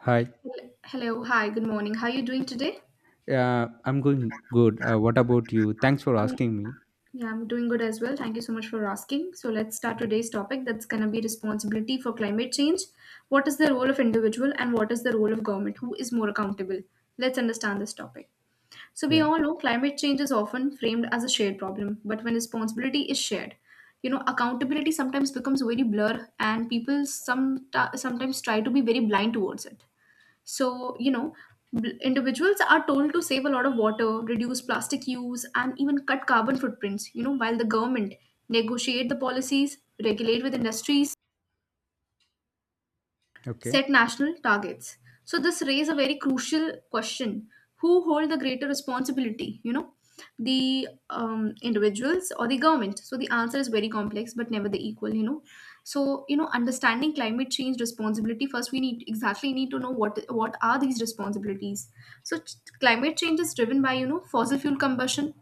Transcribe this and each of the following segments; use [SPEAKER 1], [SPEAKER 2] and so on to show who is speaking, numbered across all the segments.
[SPEAKER 1] Hi,
[SPEAKER 2] Hello, hi, good morning. How are you doing today?
[SPEAKER 1] I'm going good. What about you? Thanks for
[SPEAKER 2] Um,
[SPEAKER 1] asking me.
[SPEAKER 2] Yeah, I'm doing good as well. Thank you so much for asking. So let's start today's topic that's going to be responsibility for climate change. What is the role of individual and what is the role of government? Who is more accountable? Let's understand this topic. So we
[SPEAKER 1] Yeah.
[SPEAKER 2] all know climate change is often framed as a shared problem, but when responsibility is shared, you know, accountability sometimes becomes very blur, and people sometimes try to be very blind towards it. So, you know, individuals are told to save a lot of water, reduce plastic use, and even cut carbon footprints, you know, while the government negotiate the policies, regulate with industries,
[SPEAKER 1] Okay.
[SPEAKER 2] set national targets. So this raises a very crucial question: who hold the greater responsibility? You know, the individuals or the government? So the answer is very complex, but never the equal. You know, so you know, understanding climate change responsibility first, we need exactly need to know what are these responsibilities. So climate change is driven by, you know, fossil fuel combustion,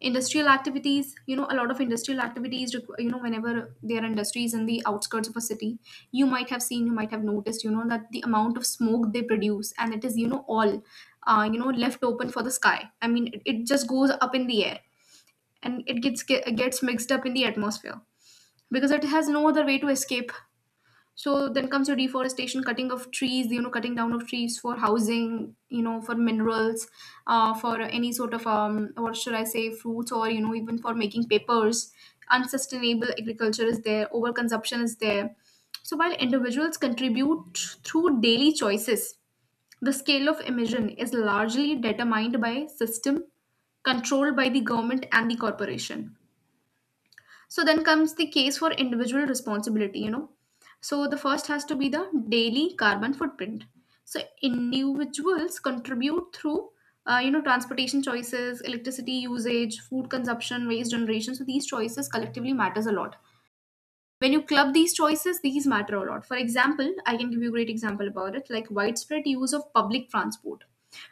[SPEAKER 2] industrial activities, you know, a lot of industrial activities. You know, whenever there are industries in the outskirts of a city, you might have seen, you might have noticed, you know, that the amount of smoke they produce, and it is, you know, all, you know, left open for the sky. I mean, it just goes up in the air, and it gets mixed up in the atmosphere because it has no other way to escape. So then comes your deforestation, cutting of trees, you know, cutting down of trees for housing, you know, for minerals, for any sort of what should I say, fruits, or you know, even for making papers. Unsustainable agriculture is there. Overconsumption is there. So while individuals contribute through daily choices, the scale of emission is largely determined by system controlled by the government and the corporation. So then comes the case for individual responsibility, you know. So the first has to be the daily carbon footprint. So individuals contribute through, you know, transportation choices, electricity usage, food consumption, waste generation. So these choices collectively matters a lot. When you club these choices, these matter a lot. For example, I can give you a great example about it. Like, widespread use of public transport,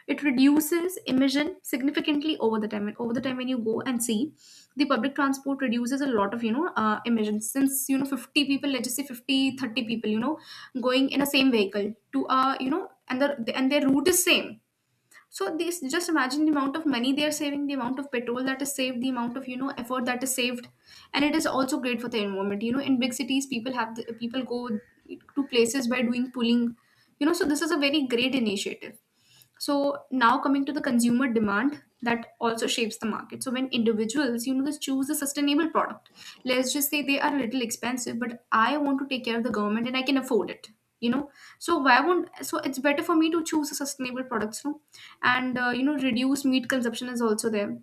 [SPEAKER 2] it reduces emission significantly over the time, and over the time when you go and see, the public transport reduces a lot of, you know, emissions, since, you know, 50 people, let's just say 50, 30 people, you know, going in a same vehicle to, you know, and the and their route is same. So this, just imagine the amount of money they are saving, the amount of petrol that is saved, the amount of, you know, effort that is saved, and it is also great for the environment. You know, in big cities, people go to places by doing pulling. You know, so this is a very great initiative. So now, coming to the consumer demand, that also shapes the market. So when individuals, you know, just choose a sustainable product, let's just say they are a little expensive, but I want to take care of the government and I can afford it, you know, so why won't? So it's better for me to choose a sustainable products, no? And you know, reduce meat consumption is also there,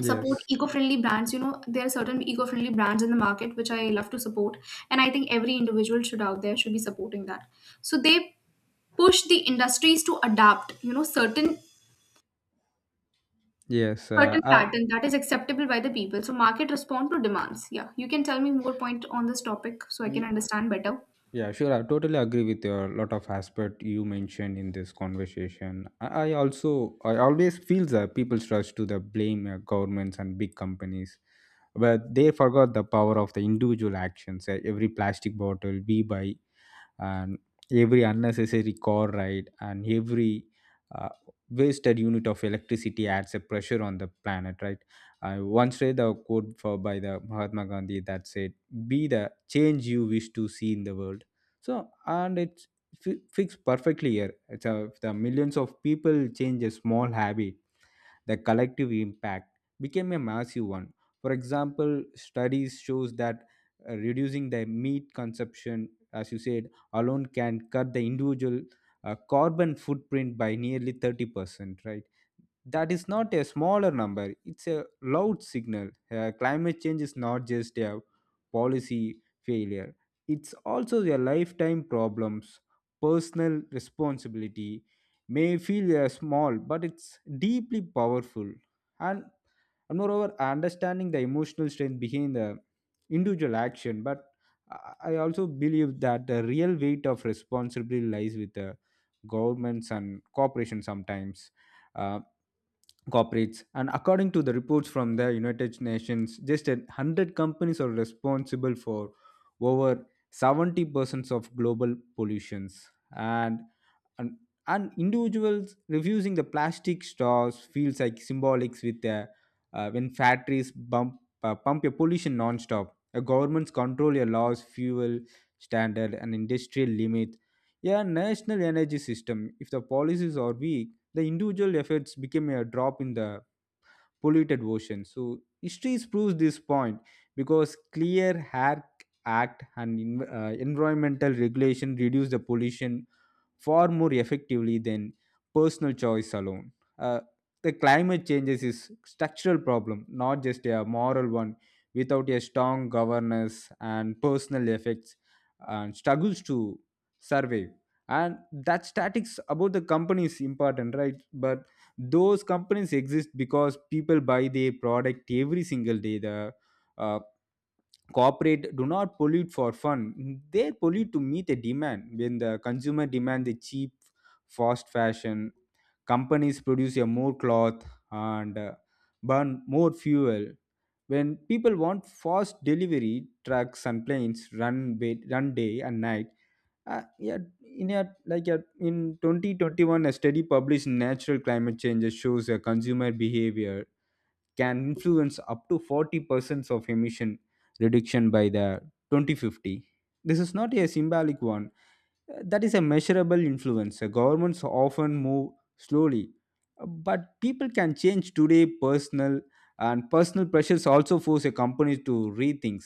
[SPEAKER 2] support
[SPEAKER 1] Yes.
[SPEAKER 2] eco-friendly brands. You know, there are certain eco-friendly brands in the market which I love to support, and I think every individual should out there should be supporting that. So they push the industries to adapt, you know, certain
[SPEAKER 1] Yes.
[SPEAKER 2] certain pattern that is acceptable by the people. So market respond to demands. Yeah, you can tell me more point on this topic so I can
[SPEAKER 1] Y-
[SPEAKER 2] understand better.
[SPEAKER 1] yeah. Sure. I totally agree with your lot of aspect you mentioned in this conversation. I always feel that people's rush to the blame governments and big companies, but they forgot the power of the individual actions. Every plastic bottle we buy and every unnecessary car ride and every uh, wasted unit of electricity adds a pressure on the planet, right? I once read a quote for by the Mahatma Gandhi that said be the change you wish to see in the world. So and fits perfectly here it's a, if the millions of people change a small habit, the collective impact became a massive one. For example, studies shows that reducing the meat consumption, as you said, alone can cut the individual carbon footprint by nearly 30%, right? That is not a smaller number, it's a loud signal. Climate change is not just a policy failure, it's also a lifetime problems, personal responsibility may feel small but it's deeply powerful, and, and moreover understanding the emotional strength behind the individual action. But I also believe that the real weight of responsibility lies with the governments and corporations sometimes. Uh, corporates, and according to the reports from the United Nations just a 100 companies are responsible for over 70% of global pollutions, and, and and individuals refusing the plastic straws feels like symbolics with the when factories bump pump your pollution non-stop, a governments control your laws, fuel standard and industrial limit, a national energy system. If the policies are weak, the individual efforts became a drop in the polluted ocean. So history proves this point, because clear air act and environmental regulation reduce the pollution far more effectively than personal choice alone. Uh, the climate changes is structural problem, not just a moral one. Without a strong governance and personal effects, and struggles to survive. And that statics about the company is important, right? But those companies exist because people buy their product every single day. The uh, corporate do not pollute for fun, they pollute to meet a demand. When the consumer demand the cheap fast fashion, companies produce a more cloth and burn more fuel. When people want fast delivery, trucks and planes run day and night. uh, yeah, in 2021 a study published in natural climate change shows a consumer behavior can influence up to 40% of emission reduction by the 2050. This is not a symbolic one. That is a measurable influence. Governments often move slowly. But people can change today. Personal Personal pressures also force a company to rethink,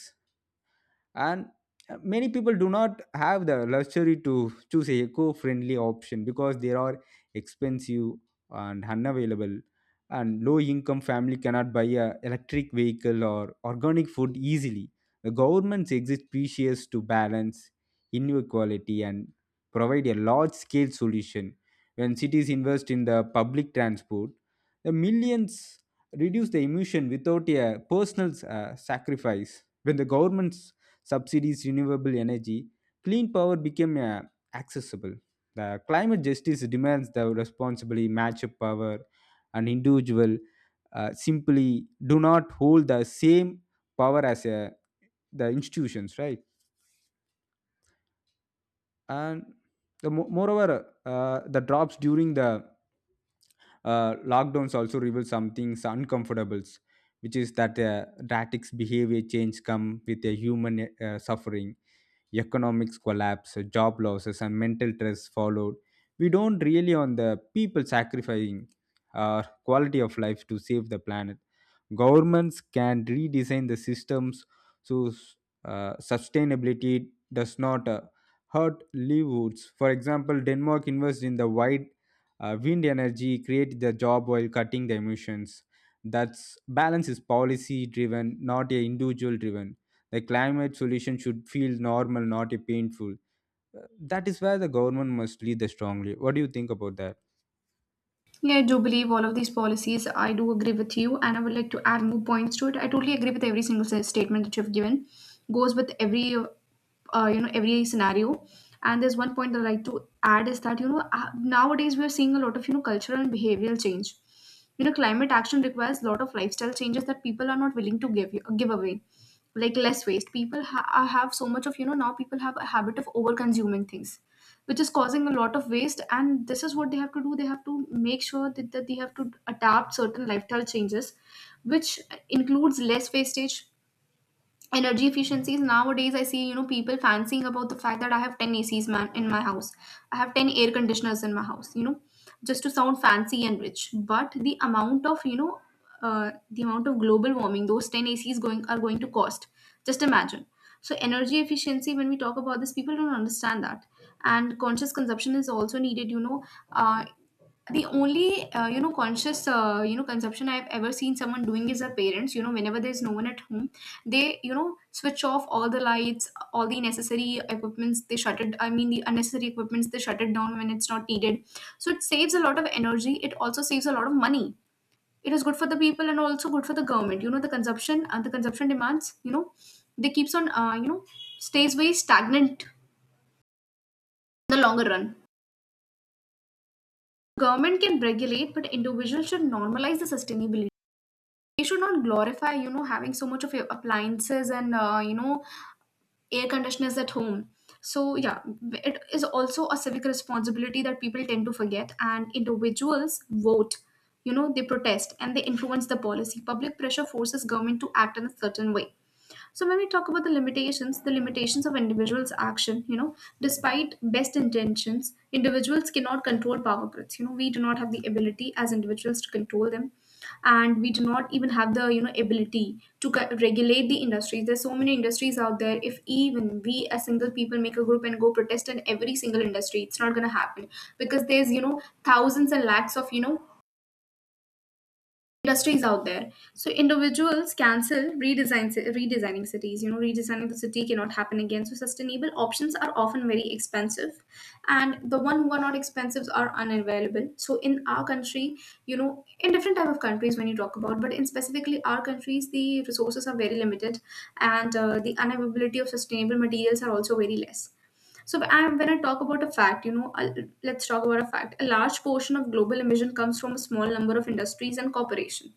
[SPEAKER 1] and many people do not have the luxury to choose a eco-friendly option because they are expensive and unavailable, and low income family cannot buy a electric vehicle or organic food easily. The governments exist precious to balance inequality and provide a large scale solution. When cities invest in the public transport, the millions reduce the emission without a personal sacrifice. When the governments subsidies, renewable energy, clean power became accessible. The climate justice demands the responsibly match of power, and individual simply do not hold the same power as the institutions, right? And moreover the drops during the lockdowns also reveal something uncomfortables, which is that drastic behavior change come with a human suffering, economics collapse, job losses and mental stress followed. We don't really on the people sacrificing our quality of life to save the planet. Governments can redesign the systems, so sustainability does not hurt livelihoods. For example, Denmark invests in the wide wind energy, create the job while cutting the emissions. That's balance is policy driven, not a individual driven. The climate solution should feel normal, not a painful. That is where the government must lead the strongly. What do you think about that?
[SPEAKER 2] Yeah, I do believe all of these policies. I do agree with you, and I would like to add more points to it. I totally agree with every single statement that you've given. Goes with every, you know, every scenario. And there's one point that I like to add is that, you know, nowadays we are seeing a lot of, you know, cultural and behavioral change. You know, climate action requires a lot of lifestyle changes that people are not willing to give you, give away, like less waste. People have so much of, you know, now people have a habit of over consuming things, which is causing a lot of waste. And this is what they have to do. They have to make sure that they have to adapt certain lifestyle changes, which includes less wastage, energy efficiencies. Nowadays I see, you know, people fancying about the fact that I have 10 acs, man, in my house. I have 10 air conditioners in my house, you know, just to sound fancy and rich. But the amount of, you know, the amount of global warming those 10 acs going to cost, just imagine. So energy efficiency, when we talk about this, people don't understand that. And conscious consumption is also needed, you know. uh, the only you know, conscious, you know, consumption I've ever seen someone doing is their parents. You know, whenever there's no one at home, they, you know, switch off all the lights, all the necessary equipments they shut it. I mean, the unnecessary equipments they shut it down when it's not needed. So it saves a lot of energy, it also saves a lot of money. It is good for the people and also good for the government. You know, the consumption and the consumption demands, you know, they keeps on, you know, stays very stagnant in the longer run. Government can regulate, but individuals should normalize the sustainability. We should not glorify, you know, having so much of appliances and, you know, air conditioners at home. So yeah, it is also a civic responsibility that people tend to forget. And individuals vote, you know, they protest, and they influence the policy. Public pressure forces government to act in a certain way. So when we talk about the limitations of individuals' action, you know, despite best intentions, individuals cannot control power grids. You know, we do not have the ability as individuals to control them, and we do not even have the, you know, ability to regulate the industries. There's so many industries out there. If even we as single people make a group and go protest in every single industry, it's not gonna happen, because there's, you know, thousands and lakhs of, you know, industries out there. So individuals cancel redesign, redesigning cities. You know, redesigning the city cannot happen again. So sustainable options are often very expensive, and the one who are not expensive are unavailable. So in our country, you know, in different type of countries when you talk about, but in specifically our countries, the resources are very limited, and the unavailability of sustainable materials are also very less. So when I talk about a fact, you know, let's talk about a fact. A large portion of global emission comes from a small number of industries and corporations.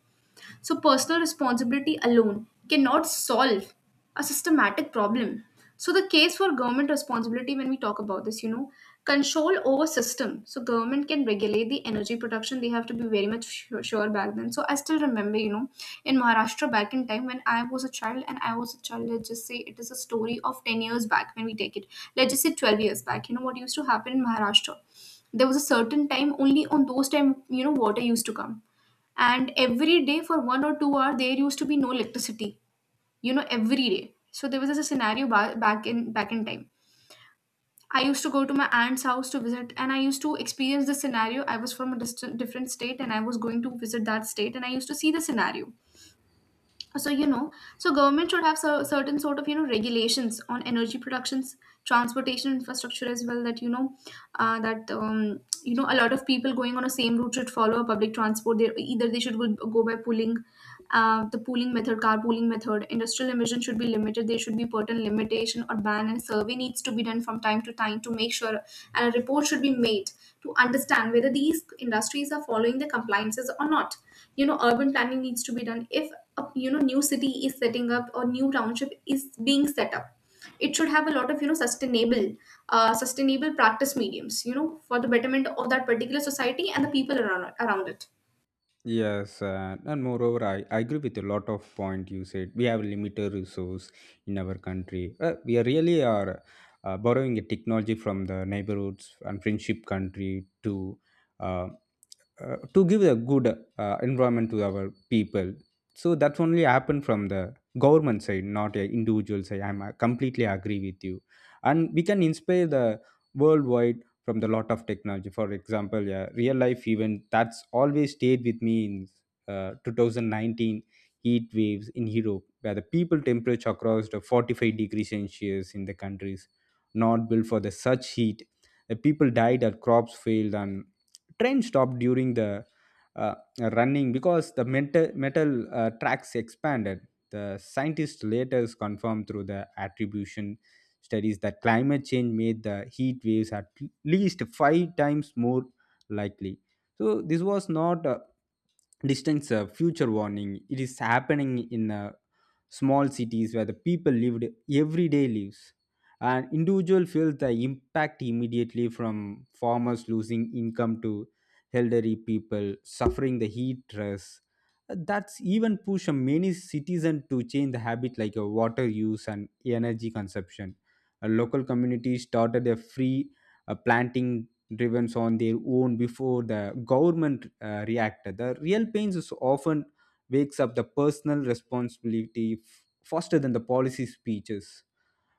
[SPEAKER 2] So, personal responsibility alone cannot solve a systematic problem. So, the case for government responsibility, when we talk about this, you know, control over system. So, government can regulate the energy production. They have to be very much sure, sure back then. So, I still remember, you know, in Maharashtra back in time, when I was a child, and I was a child, let's just say it is a story of 10 years back when we take it. Let's just say 12 years back, you know, what used to happen in Maharashtra? There was a certain time, only on those time, you know, water used to come. And every day for 1 or 2 hours there used to be no electricity, you know, every day. So there was this a scenario, back in time, I used to go to my aunt's house to visit, and I used to experience the scenario. I was from a distant, different state and I was going to visit that state, and I used to see the scenario. So you know, so government should have certain sort of, you know, regulations on energy productions, transportation infrastructure as well. That, you know, that, you know, a lot of people going on a same route should follow a public transport. They either they should go by pulling, the pooling method, carpooling method. Industrial emission should be limited. There should be certain limitation or ban, and survey needs to be done from time to time to make sure, and a report should be made to understand whether these industries are following the compliances or not. Urban planning needs to be done if a new city is setting up or new township is being set up. It should have a lot of sustainable, sustainable practice mediums. For the betterment of that particular society and the people around it.
[SPEAKER 1] Yes, and moreover, I agree with a lot of point you said. We have limited resource in our country. We are really are Borrowing a technology from the neighborhoods and friendship country uh, to give a good environment to our people. So that's only happened from the government side, not a individual side. I'm completely agree with you, and we can inspire the worldwide from the lot of technology. For example, yeah, real life event that's always stayed with me in 2019 heat waves in Europe where the people temperature crossed 45 degrees Celsius in the countries not built for the such heat. The people died or crops failed, and train stopped during the uh, running because the metal tracks expanded. The scientists later confirmed through the attribution studies that climate change made the heat waves at least 5 times more likely. So this was not a distant future warning. It is happening in small cities where the people lived everyday lives. And individual felt the impact immediately, from farmers losing income to elderly people suffering the heat stress. That's even pushed many citizens to change the habit like water use and energy consumption. A local community started a free planting driven on their own before the government reacted. The real pains is often wakes up the personal responsibility faster than the policy speeches.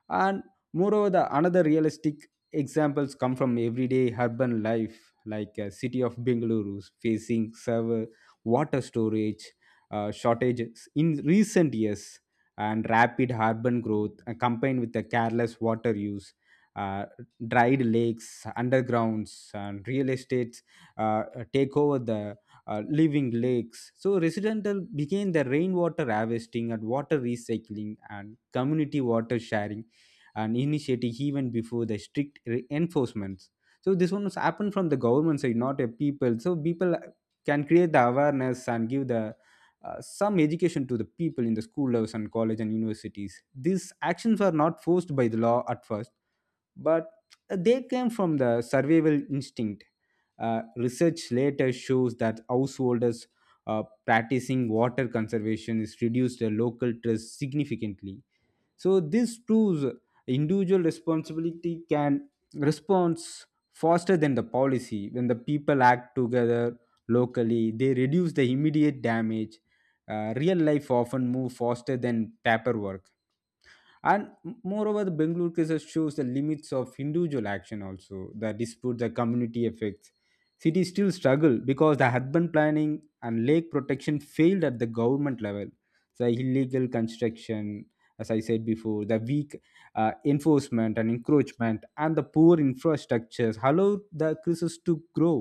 [SPEAKER 1] And moreover the another realistic examples come from everyday urban life, like city of Bengaluru facing server water storage shortages in recent years, and rapid urban growth combined with the careless water use uh, dried lakes undergrounds, and real estates uh, take over the living lakes. So residential became the rainwater harvesting and water recycling and community water sharing and initiating even before the enforcements. So this one was happened from the government side, not a people. So people can create the awareness and give the some education to the people in the school levels and college and universities. These actions were not forced by the law at first, but they came from the survival instinct. Research later shows that householders practicing water conservation is reduced the local stress significantly. So this proves individual responsibility can response faster than the policy. When the people act together locally, they reduce the immediate damage. Real life often move faster than paperwork. And moreover the Bengaluru cases shows the limits of individual action, also the dispute the community effects. Cities still struggle because the urban planning and lake protection failed at the government level, the illegal construction, as I said before, the weak enforcement and encroachment and the poor infrastructures allowed the crisis to grow.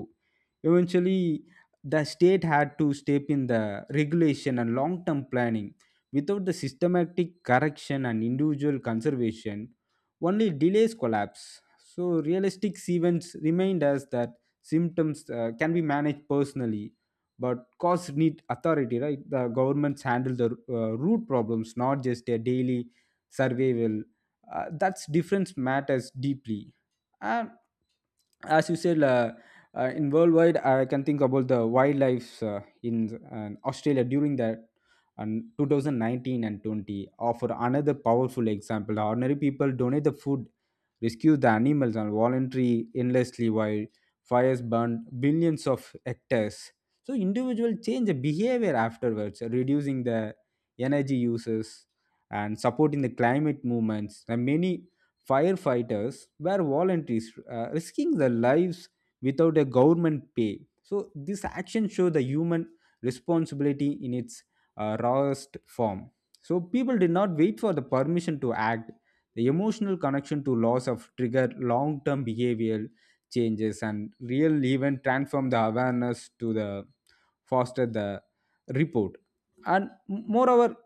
[SPEAKER 1] Eventually the state had to step in the regulation and long term planning. Without the systematic correction and individual conservation, only delays collapse. So, realistic events remind us that symptoms can be managed personally, but cause need authority, right? The governments handle the root problems, not just their daily survival. That's difference matters deeply. And as you said, in worldwide, I can think about the wildlife in Australia during that and 2019 and 20 offer another powerful example. Ordinary people donate the food, rescue the animals, and voluntary endlessly while fires burn billions of hectares. So individuals change the behavior afterwards, reducing the energy uses and supporting the climate movements. And many firefighters were volunteers, risking their lives without a government pay. So this action shows the human responsibility in its rawest form. So people did not wait for the permission to act. The emotional connection to loss of trigger long-term behavioral changes, and real event transform the awareness to the foster the report. And moreover,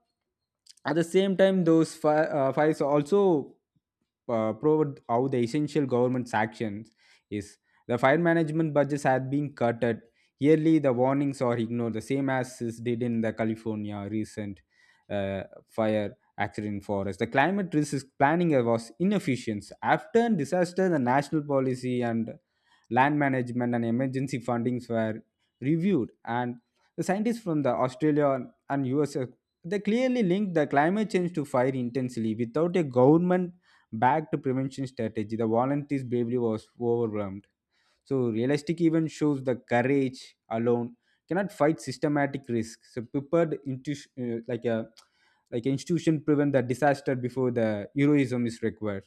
[SPEAKER 1] at the same time, those files also proved how the essential government's actions is. The fire management budgets had been cut. Yearly, the warnings are ignored, the same as is did in the California recent uh, fire accident forest. The climate risk planning was inefficient. After disaster, the national policy and land management and emergency fundings were reviewed, and the scientists from the Australia and US they clearly linked the climate change to fire intensely without a government backed prevention strategy. The volunteers' bravery was overwhelmed. So realistic even shows the courage alone cannot fight systematic risk. So prepared into uh, like a like institution prevent the disaster before the heroism is required.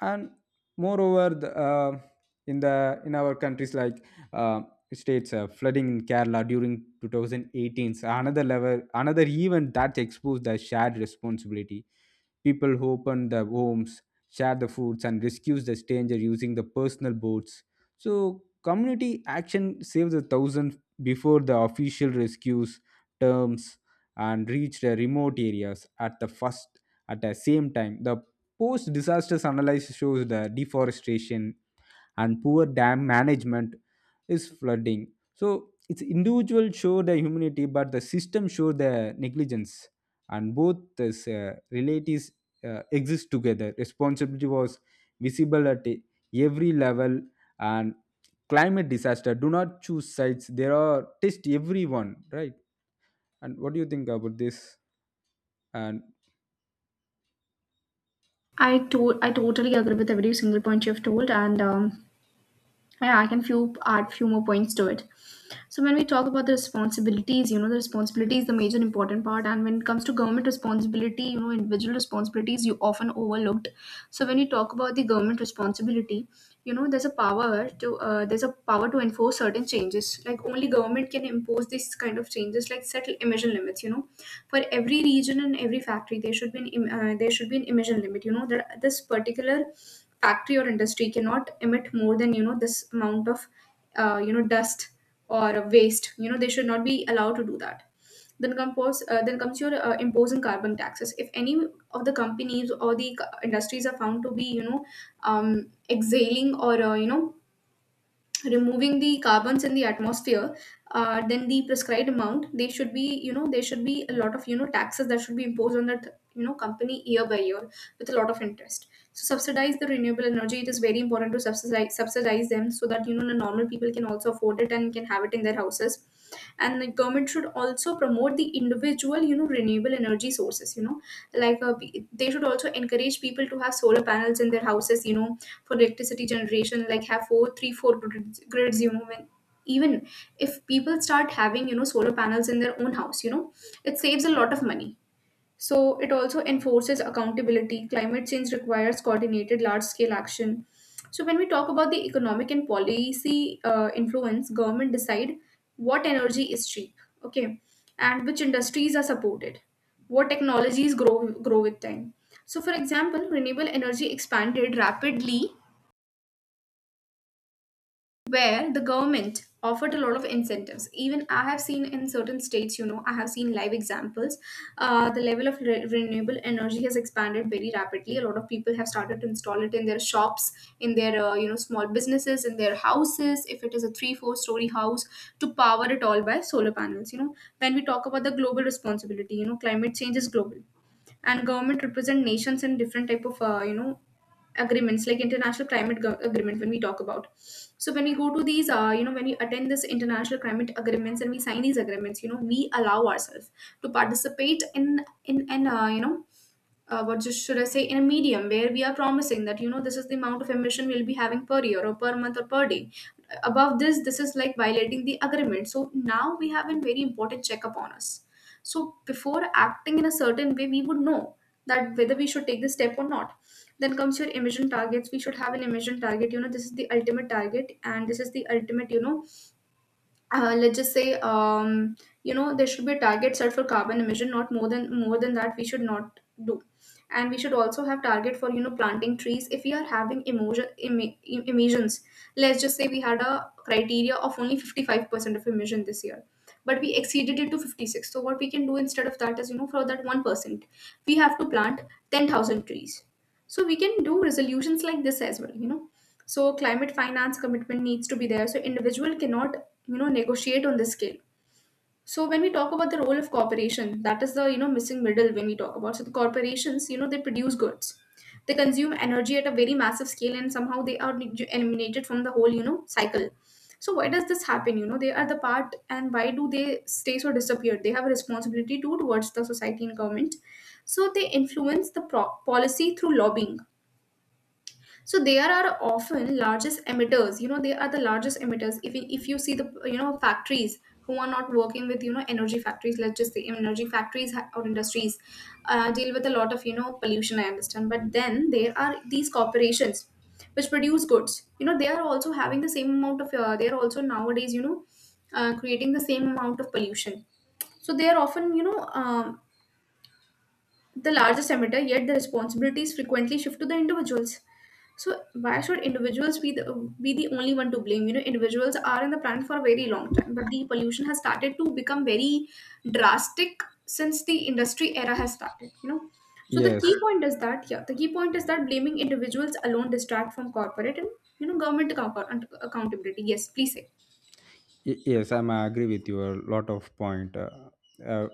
[SPEAKER 1] And moreover in our countries like uh, states, flooding in Kerala during 2018 's another level, another event that exposed the shared responsibility. People who open the homes, share the foods and rescues the stranger using the personal boats. So community action saved the thousand before the official rescues terms and reached the remote areas at the first. At the same time, the post disaster analysis shows the deforestation and poor dam management is flooding. So it's individual show the humanity, but the system show the negligence, and both this relatives exist together. Responsibility was visible at every level, and climate disaster do not choose sides. There are test everyone, right? And what do you think about this? And
[SPEAKER 2] I totally agree with every single point you've told, and yeah, I can few add few more points to it. So when we talk about the responsibilities, you know, the responsibility is the major important part. And when it comes to government responsibility, you know, individual responsibilities you often overlooked. So when you talk about the government responsibility, you know there's a power to there's a power to enforce certain changes like only government can impose this kind of changes like set emission limits, you know, for every region and every factory there should be an there should be an emission limit, you know, that this particular factory or industry cannot emit more than, you know, this amount of you know dust or waste, you know, they should not be allowed to do that. Then comes your imposing carbon taxes. If any of the companies or the industries are found to be, you know, exhaling or you know removing the carbons in the atmosphere, then the prescribed amount they should be, you know, there should be a lot of you know taxes that should be imposed on that you know company year by year with a lot of interest. So subsidize the renewable energy. It is very important to subsidize them so that you know the normal people can also afford it and can have it in their houses. And the government should also promote the individual, you know, renewable energy sources, you know, like they should also encourage people to have solar panels in their houses, you know, for electricity generation, like have four three four grids, you know, when even if people start having you know solar panels in their own house, you know, it saves a lot of money. So it also enforces accountability. Climate change requires coordinated large scale action. So when we talk about the economic and policy influence, government decide what energy is cheap, okay, and which industries are supported, what technologies grow with time. So for example, renewable energy expanded rapidly where the government offered a lot of incentives. Even I have seen in certain states, you know, I have seen live examples. The level of renewable energy has expanded very rapidly. A lot of people have started to install it in their shops, in their, you know, small businesses, in their houses. If it is a 3 4-story house to power it all by solar panels, you know. When we talk about the global responsibility, you know, climate change is global and government represent nations in different type of you know agreements, like international agreement, when we talk about. So when we go to these, you know, when we attend this international climate agreements and we sign these agreements, you know, we allow ourselves to participate in an, you know, what just should I say, in a medium where we are promising that, you know, this is the amount of emission we'll be having per year or per month or per day. Above this, this is like violating the agreement. So now we have a very important check upon us. So before acting in a certain way, we would know that whether we should take this step or not. Then comes your emission targets. We should have an emission target. You know, this is the ultimate target, and this is the ultimate, you know, let's just say you know there should be a target set for carbon emission, not more than that we should not do. And we should also have target for, you know, planting trees. If we are having emissions, let's just say we had a criteria of only 55% of emission this year, but we exceeded it to 56, so what we can do instead of that is, you know, for that 1%, we have to plant 10,000 trees. So we can do resolutions like this as well, you know. So climate finance commitment needs to be there, so individual cannot, you know, negotiate on this scale. So when we talk about the role of corporation, that is the, you know, missing middle when we talk about. So the corporations, you know, they produce goods, they consume energy at a very massive scale, and somehow they are eliminated from the whole, you know, cycle. So why does this happen? You know, they are the part, and why do they stay so disappeared? They have a responsibility too towards the society and government. So they influence the policy through lobbying. So they are often largest emitters, you know, they are the largest emitters. If you see the, you know, factories who are not working with, you know, energy factories, let's just say energy factories or industries deal with a lot of, you know, pollution. I understand, but then there are these corporations which produce goods, you know, they are also having the same amount of, they are also nowadays, you know, creating the same amount of pollution. So they are often, you know, um, the largest emitter, yet the responsibilities frequently shift to the individuals. So why should individuals be the only one to blame? You know, individuals are on the planet for a very long time, but the pollution has started to become very drastic since the industry era has started. You know, so the key
[SPEAKER 1] yes.
[SPEAKER 2] point is that yeah, the key point is that blaming individuals alone distract from corporate and, you know, government accountability. Yes, please say.
[SPEAKER 1] Yes, I'm agree with you a lot of point uh,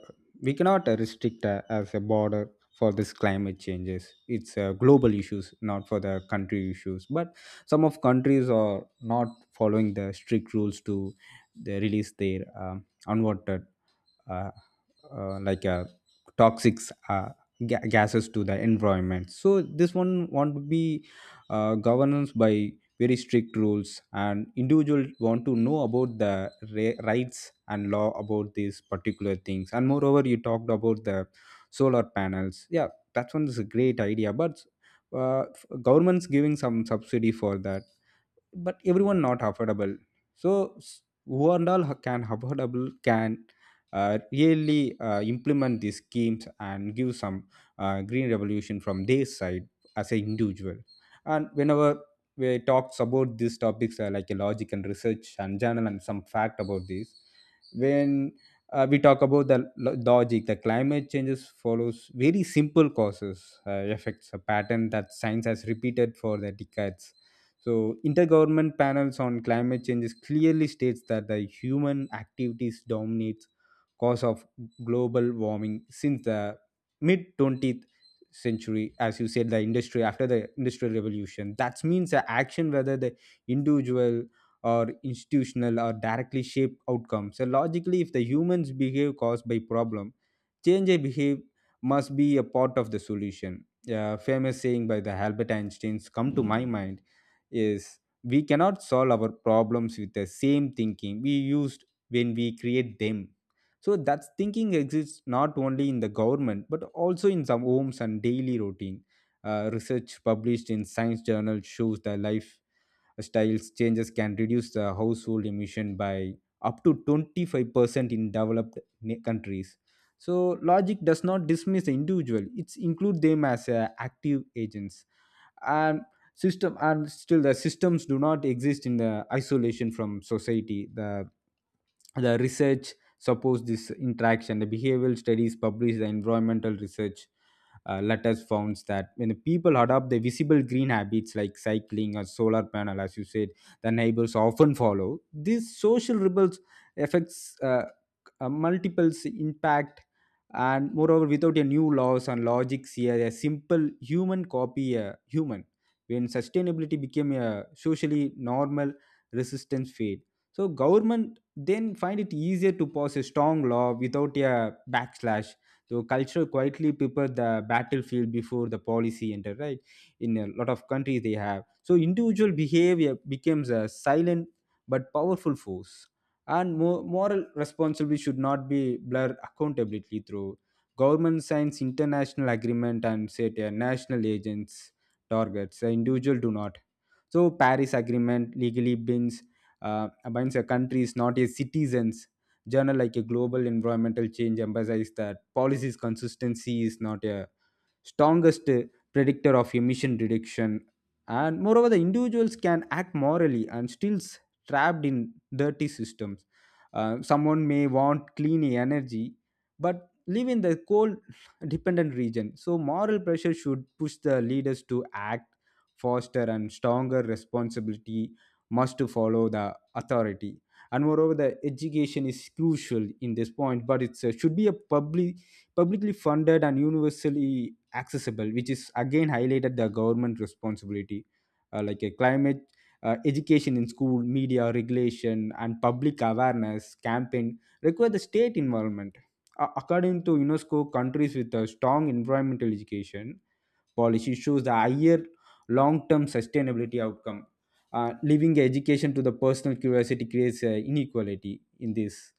[SPEAKER 1] we cannot, restrict, as a border for this climate changes. It's global issues, not for the country issues, but some of countries are not following the strict rules to they release their unwanted uh, uh, like uh, toxic uh, gases to the environment. So this one want to be governance by very strict rules, and individual want to know about the rights and law about these particular things. And moreover, you talked about the solar panels, yeah, that one is a great idea, but uh, government's giving some subsidy for that, but everyone not affordable. So who and all can affordable can really implement these schemes and give some green revolution from their side as an individual. And whenever we talks about these topics, like a logic and research and journal and some fact about this. When we talk about the logic, the climate changes follows very simple causes, effects a pattern that science has repeated for the decades. So, intergovernment panels on climate change clearly states that the human activities dominates cause of global warming since the mid 20th century. As you said, the industry after the industrial revolution, that means the action whether the individual or institutional or directly shape outcomes. So logically, if the humans behave caused by problem, change a behave must be a part of the solution. Yeah, famous saying by the Albert Einstein's come to my mind is we cannot solve our problems with the same thinking we used when we create them. So that thinking exists not only in the government but also in some homes and daily routine. Uh, research published in science journal shows that life changes can reduce the household emission by up to 25% in developed countries. So logic does not dismiss the individual, it includes them as active agents. And system, and still the systems do not exist in the isolation from society. The research supports this interaction. The behavioral studies published the environmental research letters found that when the people adopt the visible green habits like cycling or solar panel, as you said, the neighbors often follow these social rebels affects, multiples impact. And moreover, without a new laws and logics here, a simple human copy a human. When sustainability became a socially normal, resistance fade. So government then find it easier to pass a strong law without a backslash. So culture quietly prepare the battlefield before the policy enter, right? In a lot of countries they have. So individual behavior becomes a silent but powerful force. And moral responsibility should not be blurred accountability through government signs international agreement and set a national agents targets. The individual do not. So Paris Agreement legally binds binds a countries, not a citizens. Journal like a global environmental change emphasizes that policies consistency is not a strongest predictor of emission reduction. And moreover, the individuals can act morally and still trapped in dirty systems. Someone may want clean energy, but live in the coal dependent region. So, moral pressure should push the leaders to act faster and stronger responsibility must to follow the authority. And moreover, the education is crucial in this point, but it should be a publicly funded and universally accessible, which is again highlighted the government responsibility. Uh, like a climate education in school, media regulation and public awareness campaign require the state involvement. According to UNESCO, countries with a strong environmental education policy shows the higher long-term sustainability outcome. Leaving education to the personal curiosity creates inequality in this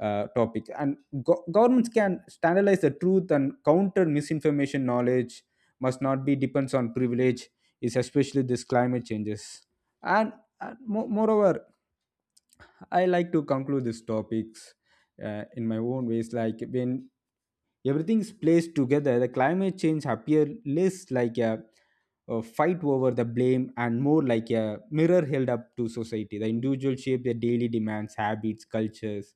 [SPEAKER 1] topic. And governments can standardize the truth and counter misinformation. Knowledge must not be depends on privilege. Is especially this climate changes. And, moreover, I like to conclude these topics in my own ways. Like when everything is placed together, the climate change appear less like a fight over the blame and more like a mirror held up to society. The individual shape their daily demands, habits, cultures,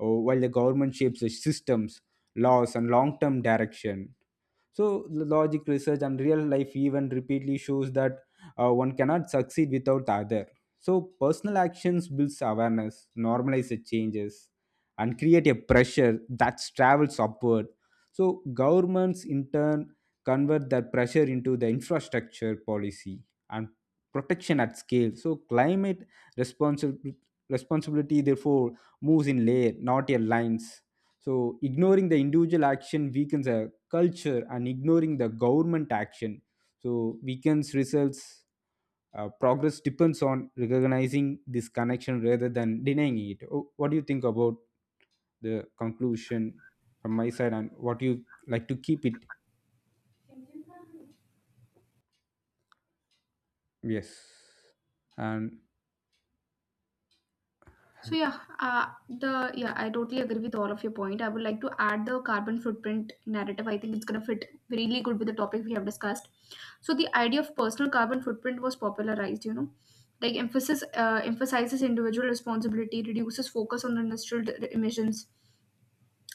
[SPEAKER 1] while the government shapes the systems, laws, and long-term direction. So logic, research and real life even repeatedly shows that one cannot succeed without the other. So personal actions builds awareness, normalize the changes and create a pressure that travels upward. So governments in turn convert that pressure into the infrastructure policy and protection at scale. So climate responsible responsibility therefore moves in layer, not in lines. So, ignoring the individual action weakens a culture, and ignoring the government action so weakens results. Progress depends on recognizing this connection rather than denying it. Oh, what do you think about the conclusion from my side, and what you like to keep it? Yes. And
[SPEAKER 2] So yeah, I totally agree with all of your point. I would like to add the carbon footprint narrative. I think it's gonna fit really good with the topic we have discussed. So the idea of personal carbon footprint was popularized. You know, like emphasis emphasizes individual responsibility, reduces focus on industrial emissions.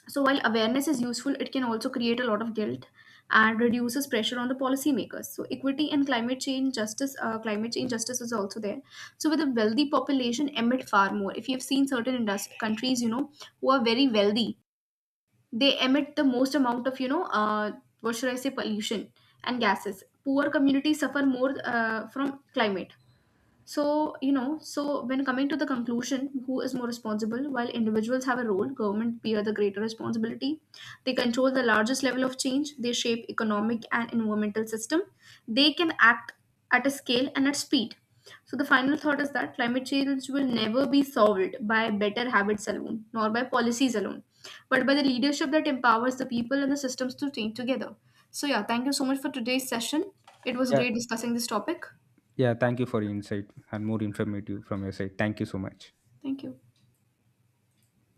[SPEAKER 2] So while awareness is useful, it can also create a lot of guilt and reduces pressure on the policymakers. So equity and climate change justice is also there. So with a wealthy population, emit far more. If you've seen certain industry countries, you know, who are very wealthy, they emit the most amount of, you know, what should I say, pollution and gases. Poor communities suffer more from climate. So, you know, so when coming to the conclusion, who is more responsible? While individuals have a role, government bear the greater responsibility. They control the largest level of change, they shape economic and environmental system. They can act at a scale and at speed. So the final thought is that climate change will never be solved by better habits alone, nor by policies alone, but by the leadership that empowers the people and the systems to change together. So yeah, thank you so much for today's session. It was
[SPEAKER 1] yeah,
[SPEAKER 2] great discussing this topic.
[SPEAKER 1] yeah. Thank you for your insight and more informative from your side. Thank you so much.
[SPEAKER 2] Thank you.